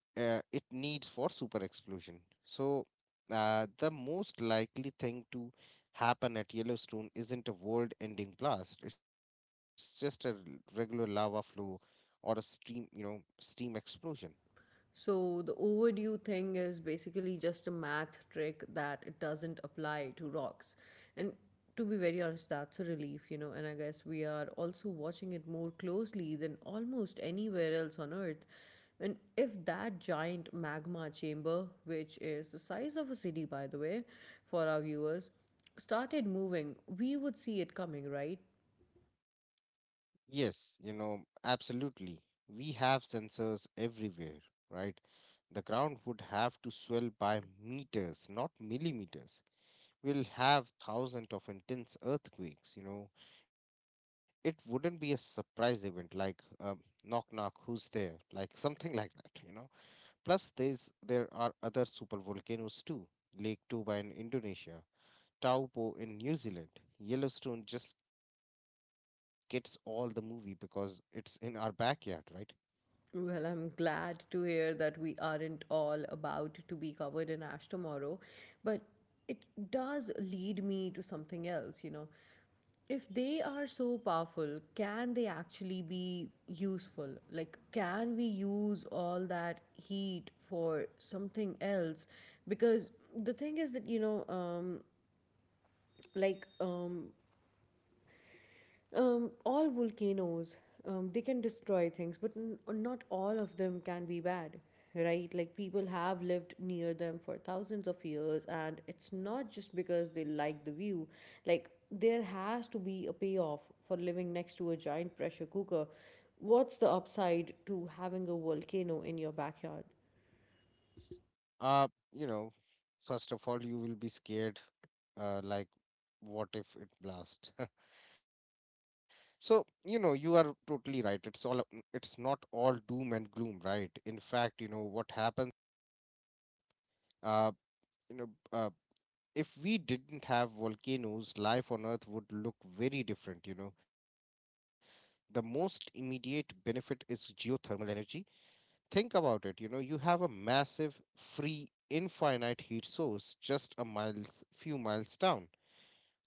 Speaker 2: it needs for super explosion. So the most likely thing to happen at Yellowstone isn't a world-ending blast. It's just a regular lava flow or a steam explosion.
Speaker 1: So the overdue thing is basically just a math trick that it doesn't apply to rocks. And to be very honest, that's a relief, you know. And I guess we are also watching it more closely than almost anywhere else on Earth. And if that giant magma chamber, which is the size of a city, by the way, for our viewers, started moving, we would see it coming, right?
Speaker 2: Yes, absolutely. We have sensors everywhere, right? The ground would have to swell by meters, not millimeters. We'll have thousands of intense earthquakes. It wouldn't be a surprise event like um, knock knock, who's there? Like something like that. Plus, there are other super volcanoes too. Lake Toba in Indonesia, Taupo in New Zealand. Yellowstone just gets all the movie because it's in our backyard, right?
Speaker 1: Well, I'm glad to hear that we aren't all about to be covered in ash tomorrow, but it does lead me to something else, you know. If they are so powerful, can they actually be useful? Like, can we use all that heat for something else? Because the thing is that, you know, like, um, all volcanoes, they can destroy things, but not all of them can be bad, right? Like people have lived near them for thousands of years, and it's not just because they like the view. Like there has to be a payoff for living next to a giant pressure cooker. What's the upside to having a volcano in your backyard?
Speaker 2: Uh, you know, first of all, you will be scared, like, what if it blasts? so, you are totally right. It's it's not all doom and gloom, right? In fact, you know, what happens, uh, you know, if we didn't have volcanoes, life on Earth would look very different. The most immediate benefit is geothermal energy. Think about it, you have a massive, free, infinite heat source just few miles down.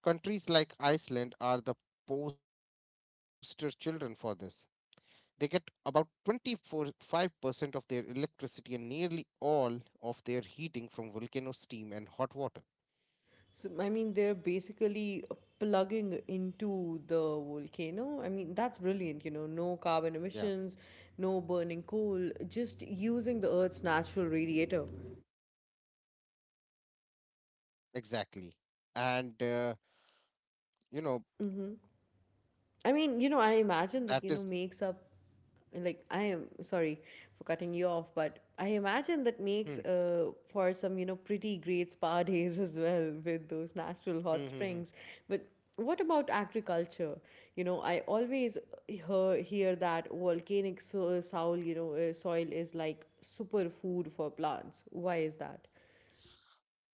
Speaker 2: Countries like Iceland are the poster children for this. They get about 25% of their electricity and nearly all of their heating from volcano steam and hot water.
Speaker 1: So, I mean, they're basically plugging into the volcano. I mean, that's brilliant, you know,
Speaker 2: Yeah,
Speaker 1: no carbon emissions, no burning coal, just using the Earth's natural radiator.
Speaker 2: exactly. And, you know,
Speaker 1: I mean, you
Speaker 2: that
Speaker 1: know, I
Speaker 2: is.
Speaker 1: imagine that, you know, makes up, like, I am sorry for cutting you off, but I imagine that
Speaker 2: Hmm,
Speaker 1: makes for some, you know, pretty great spa days as well with those natural
Speaker 2: hmm,
Speaker 1: hot
Speaker 2: hmm, hmm.
Speaker 1: springs. But what about agriculture? You know, I always hear that volcanic soil, you know, soil is like superfood for plants. Why is that?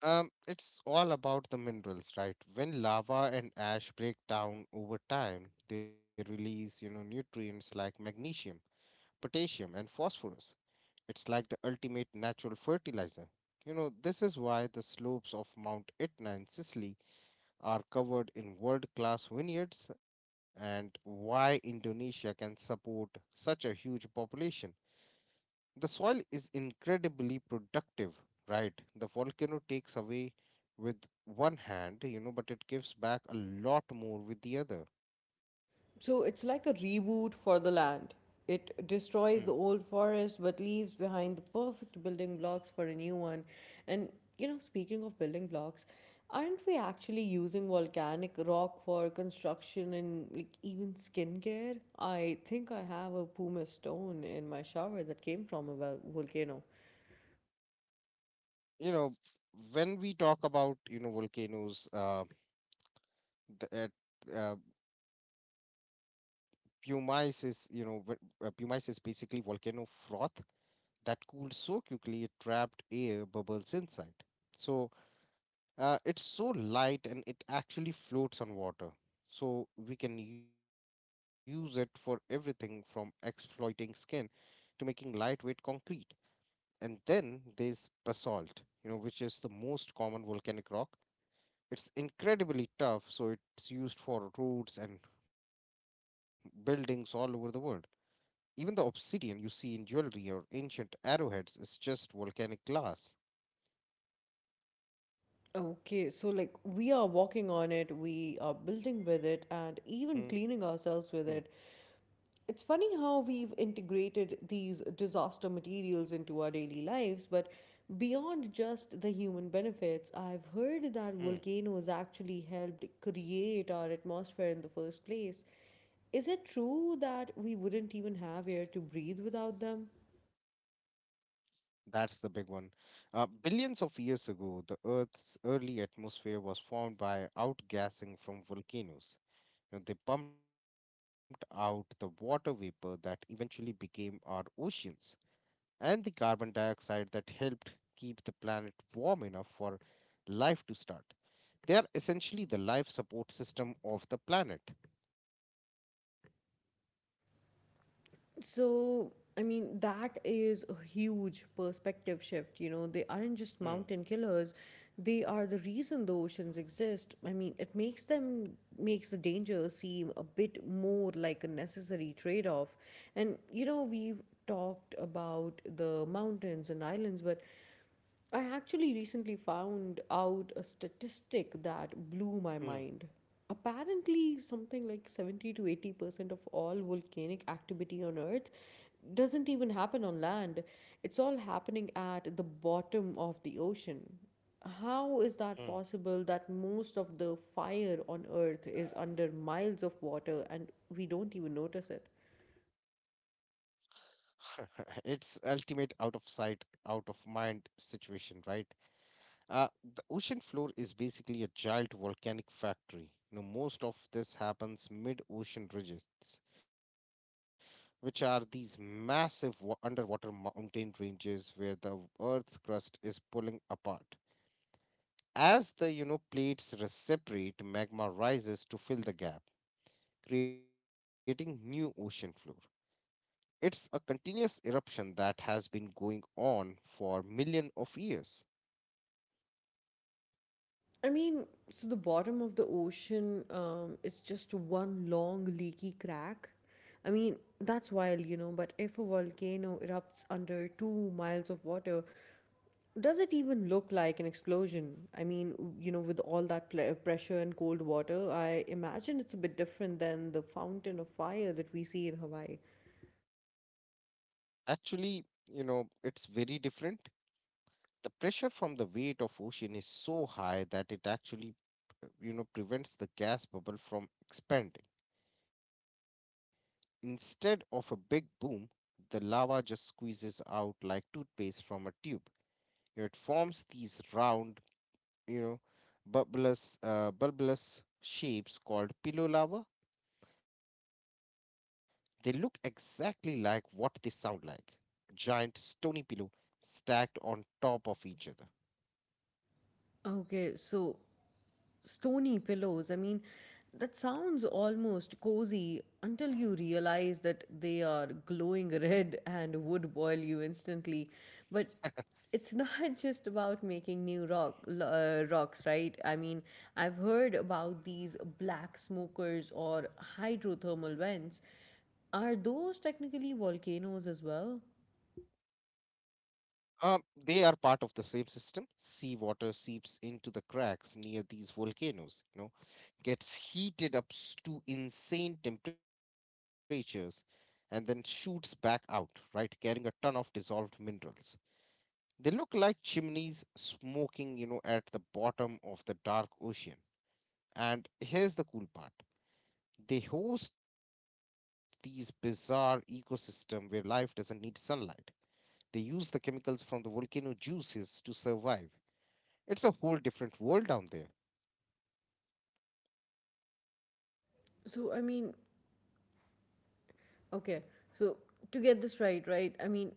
Speaker 2: It's all about the minerals, right? When lava and ash break down over time, they release, nutrients like magnesium, potassium, and phosphorus. It's like the ultimate natural fertilizer. You know, this is why the slopes of Mount Etna in Sicily are covered in world-class vineyards and why Indonesia can support such a huge population. The soil is incredibly productive, right? The volcano takes away with one hand, but it gives back a lot more with the other.
Speaker 1: So it's like a reboot for the land. It
Speaker 2: Hmm.
Speaker 1: destroys the old forest but leaves behind the perfect building blocks for a new one. And you know, speaking of building blocks, aren't we actually using volcanic rock for construction and like even skincare? I think I have a pumice stone in my shower that came from a volcano.
Speaker 2: You know, when we talk about, volcanoes, the, at, uh, pumice is, you know, v- pumice is basically volcano froth that cooled so quickly it trapped air bubbles inside. So, it's so light and it actually floats on water. So we can use it for everything from exploiting skin to making lightweight concrete. And then there's basalt, which is the most common volcanic rock. It's incredibly tough, so it's used for roads and buildings all over the world. Even the obsidian you see in jewelry or ancient arrowheads is just volcanic glass.
Speaker 1: Okay, so like we are walking on it, we are building with it, and even
Speaker 2: Hmm,
Speaker 1: cleaning ourselves with it. It's funny how we've integrated these disaster materials into our daily lives, but beyond just the human benefits, I've heard that
Speaker 2: hmm.
Speaker 1: volcanoes actually helped create our atmosphere in the first place. Is it true that we wouldn't even have air to breathe without them?
Speaker 2: That's the big one. Billions of years ago, the Earth's early atmosphere was formed by outgassing from volcanoes. You know, they pumped out the water vapor that eventually became our oceans and the carbon dioxide that helped keep the planet warm enough for life to start. They are essentially the life support system of the planet.
Speaker 1: So, I mean, that is a huge perspective shift. You know, they aren't just
Speaker 2: Hmm,
Speaker 1: mountain killers, they are the reason the oceans exist. I mean, makes the danger seem a bit more like a necessary trade off. And, you know, we've talked about the mountains and islands, but I actually recently found out a statistic that blew my
Speaker 2: hmm,
Speaker 1: mind. Apparently, something like 70 to 80% of all volcanic activity on Earth doesn't even happen on land. It's all happening at the bottom of the ocean. How is
Speaker 2: hmm.
Speaker 1: that possible that most of the fire on Earth is under miles of water and we don't even notice it?
Speaker 2: it's ultimate out of sight, out of mind situation, right? Uh, the ocean floor is basically a giant volcanic factory. You know, most of this happens mid-ocean ridges, which are these massive underwater mountain ranges where the Earth's crust is pulling apart. As the plates separate, magma rises to fill the gap, creating new ocean floor. It's a continuous eruption that has been going on for millions of years.
Speaker 1: I mean, so the bottom of the ocean is just one long leaky crack. I mean, that's wild, you know, but if a volcano erupts under 2 miles of water, does it even look like an explosion? With all that pressure and cold water, I imagine it's a bit different than the fountain of fire that we see in Hawaii.
Speaker 2: Actually, it's very different. The pressure from the weight of ocean is so high that it actually prevents the gas bubble from expanding. Instead of a big boom, the lava just squeezes out like toothpaste from a tube. It forms these round, you know bulbous bulbous shapes called pillow lava. They look exactly like what they sound like: giant stony pillow stacked on top of each other.
Speaker 1: Okay, so stony pillows, I mean, that sounds almost cozy until you realize that they are glowing red and would boil you instantly. But it's not just about making new rocks, right? I mean, I've heard about these black smokers or hydrothermal vents. Are those technically volcanoes as well?
Speaker 2: Um, they are part of the same system. Seawater seeps into the cracks near these volcanoes, gets heated to insane temperatures, and then shoots back out, right, carrying a ton of dissolved minerals. They look like chimneys smoking, at the bottom of the dark ocean. And here's the cool part. They host these bizarre ecosystem where life doesn't need sunlight. They use the chemicals from the volcano juices to survive. It's a whole different world down there.
Speaker 1: So, I mean, Okay, so, to get this right, right? I mean,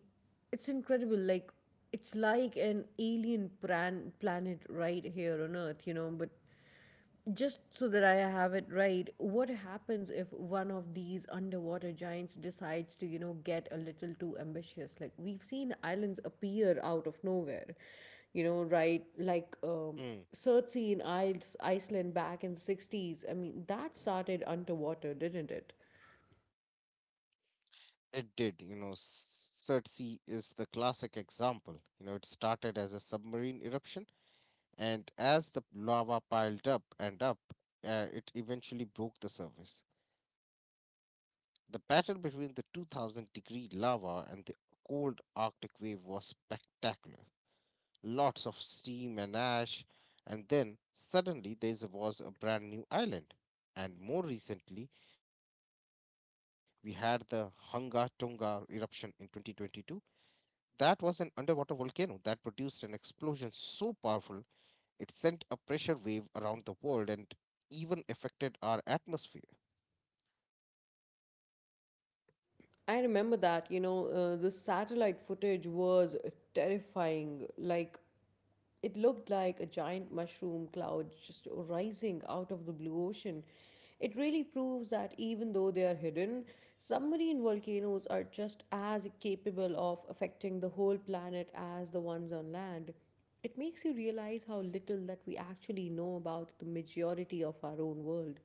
Speaker 1: it's incredible. Like, it's like an alien plan planet right here on Earth, you know. But just so that I have it right, what happens if one of these underwater giants decides to, you know, get a little too ambitious? Like, we've seen islands appear out of nowhere, you know, right? Surtsey
Speaker 2: Mm.
Speaker 1: in Iceland back in the 60s. I mean, that started underwater, didn't it?
Speaker 2: It did, Surtsey is the classic example. It started as a submarine eruption, and as the lava piled up and up, it eventually broke the surface. The battle between the 2000 degree lava and the cold Arctic wave was spectacular. Lots of steam and ash, and then suddenly there was a brand new island. And more recently, we had the Hunga Tonga eruption in 2022. That was an underwater volcano that produced an explosion so powerful it sent a pressure wave around the world and even affected our atmosphere.
Speaker 1: I remember that. The satellite footage was terrifying. Like, it looked like a giant mushroom cloud just rising out of the blue ocean. It really proves that even though they are hidden, submarine volcanoes are just as capable of affecting the whole planet as the ones on land. It makes you realize how little that we actually know about the majority of our own world.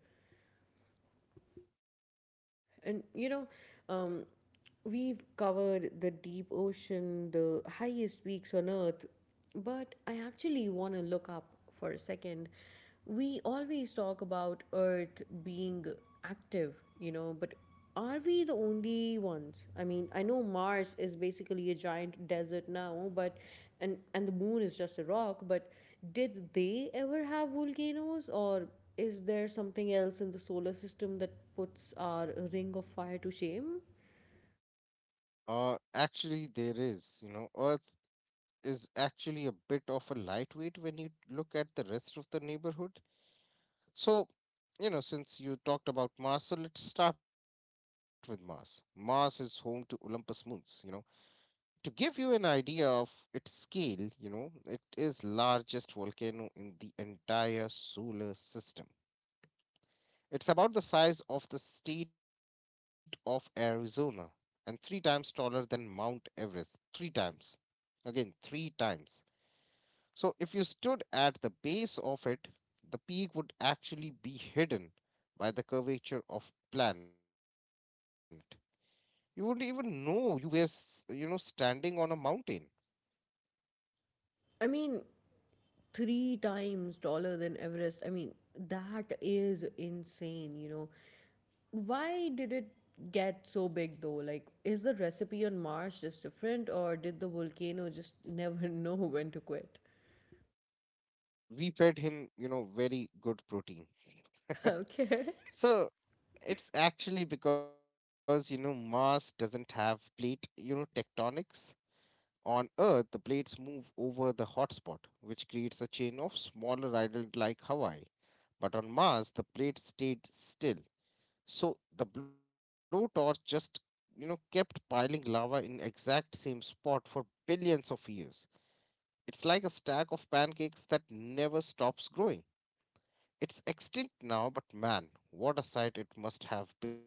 Speaker 1: And you know, um, we've covered the deep ocean, the highest peaks on earth, but I actually want to look up for a second. We always talk about earth being active, you know, but are we the only ones? I mean, I know Mars is basically a giant desert now, but and the moon is just a rock, but did they ever have volcanoes or is there something else in the solar system that puts our ring of fire to shame?
Speaker 2: Actually, there is. Earth is actually a bit of a lightweight when you look at the rest of the neighborhood. So, since you talked about Mars, so let's start with Mars. Mars is home to Olympus moons. To give you an idea of its scale, it is largest volcano in the entire solar system. It's about the size of the state of Arizona and three times taller than Mount Everest. Three times. Again, three times. So if you stood at the base of it, the peak would actually be hidden by the curvature of planet. You wouldn't even know you were standing on a mountain.
Speaker 1: I mean, three times taller than Everest. I mean, that is insane, you know. Why did it get so big though? Like, is the recipe on Mars just different, or did the volcano just never know when to quit?
Speaker 2: We fed him, very good protein.
Speaker 1: Okay.
Speaker 2: So it's actually because Mars doesn't have plate tectonics. On Earth, the plates move over the hotspot, which creates a chain of smaller islands like Hawaii. But on Mars, the plates stayed still. So the blowtorch just, kept piling lava in exact same spot for billions of years. It's like a stack of pancakes that never stops growing. It's extinct now, but man, what a sight it must have been.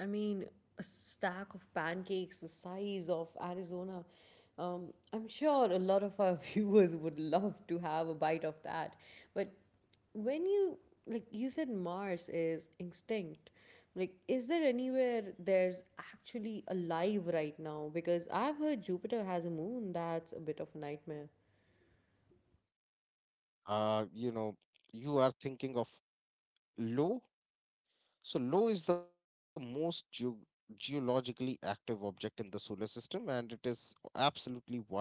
Speaker 1: I mean, a stack of pancakes the size of Arizona. I'm sure a lot of our viewers would love to have a bite of that. But when you, like you said, Mars is extinct. Like, is there anywhere there's actually alive right now? Because I've heard Jupiter has a moon that's a bit of a nightmare.
Speaker 2: Uh, you know, you are thinking of Lo. So Lo is the most geologically active object in the solar system, and it is absolutely wild.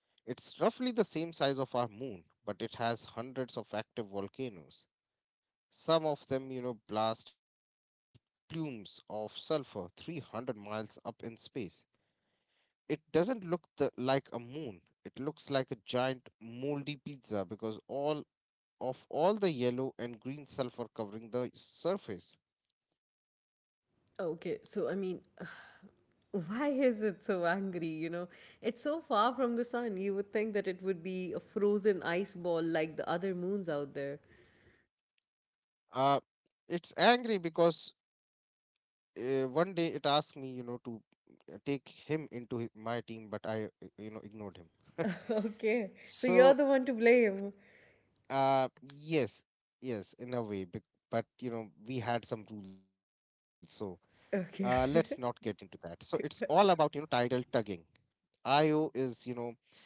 Speaker 2: It's roughly the same size of our moon, but it has hundreds of active volcanoes. Some of them, blast plumes of sulfur 300 miles up in space. It doesn't look like a moon. It looks like a giant moldy pizza because all of all the yellow and green sulfur covering the surface.
Speaker 1: Okay, so I mean, Why is it so angry? You know, it's so far from the sun. You would think that it would be a frozen ice ball like the other moons out there.
Speaker 2: Uh, it's angry because one day it asked me, to take him into my team, but I ignored him.
Speaker 1: Okay, so
Speaker 2: So,
Speaker 1: you're the one to blame.
Speaker 2: uh, yes, yes, in a way, but we had some rules, so let's not
Speaker 1: Okay.
Speaker 2: get into that. So it's all about tidal tugging. Io is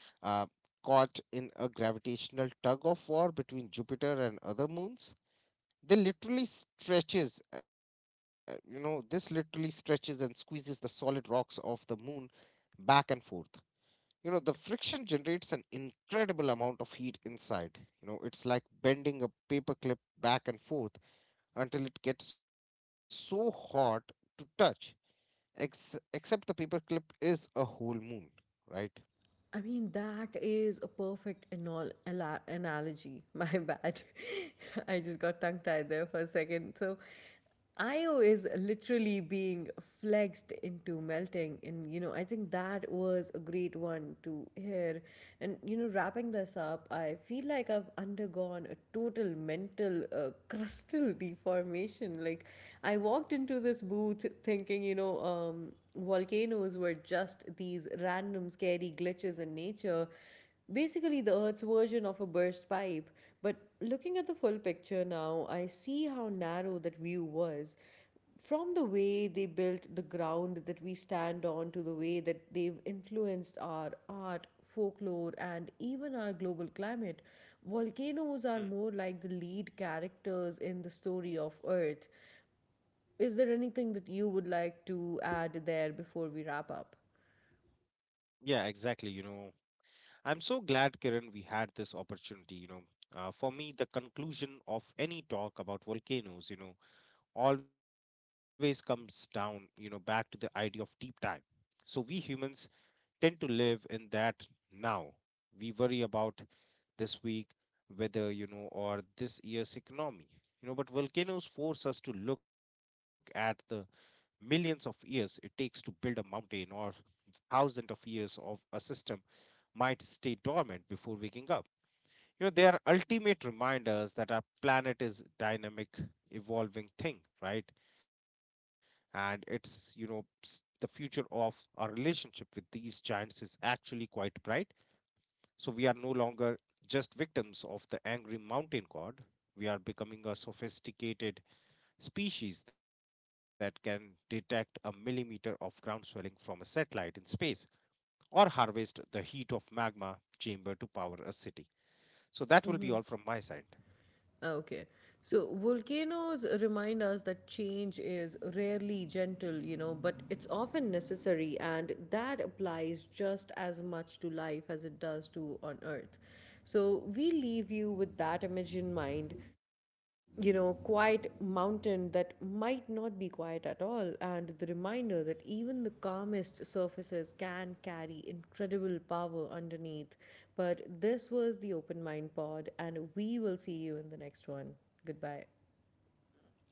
Speaker 2: uh, caught in a gravitational tug of war between Jupiter and other moons. They literally stretches, you know, this literally stretches and squeezes the solid rocks of the moon back and forth. The friction generates an incredible amount of heat inside. It's like bending a paperclip back and forth until it gets so hot to touch, except the paperclip is a whole moon, right?
Speaker 1: I mean, that is a perfect analogy. My bad. I just got tongue tied there for a second. So, Io is literally being flexed into melting. And, you know, I think that was a great one to hear. And, you know, wrapping this up, I feel like I've undergone a total mental crustal deformation. Like, I walked into this booth thinking, volcanoes were just these random scary glitches in nature, basically the Earth's version of a burst pipe. But looking at the full picture now, I see how narrow that view was. From the way they built the ground that we stand on to the way that they've influenced our art, folklore, and even our global climate,
Speaker 2: Mm.
Speaker 1: volcanoes are more like the lead characters in the story of Earth. Is there anything that you would like to add there before we wrap up?
Speaker 2: Yeah, exactly. I'm so glad, Kiran, we had this opportunity. For me, the conclusion of any talk about volcanoes, always comes down, back to the idea of deep time. So we humans tend to live in that now. We worry about this week weather, or this year's economy. But volcanoes force us to look at the millions of years it takes to build a mountain or thousands of years of a system might stay dormant before waking up. They are ultimate reminders that our planet is dynamic, evolving thing, right? and it's you know s- the future of our relationship with these giants is actually quite bright. So we are no longer just victims of the angry mountain god. We are becoming a sophisticated species that can detect a millimeter of ground swelling from a satellite in space or harvest the heat of magma chamber to power a city. So that will be all from my side.
Speaker 1: Okay. So volcanoes remind us that change is rarely gentle, you know, but it's often necessary, and that applies just as much to life as it does to on Earth. So we leave you with that image in mind. You know, quiet mountain that might not be quiet at all, and the reminder that even the calmest surfaces can carry incredible power underneath. But this was the Open Mind Pod, and we will see you in the next one. Goodbye.
Speaker 2: Thank you.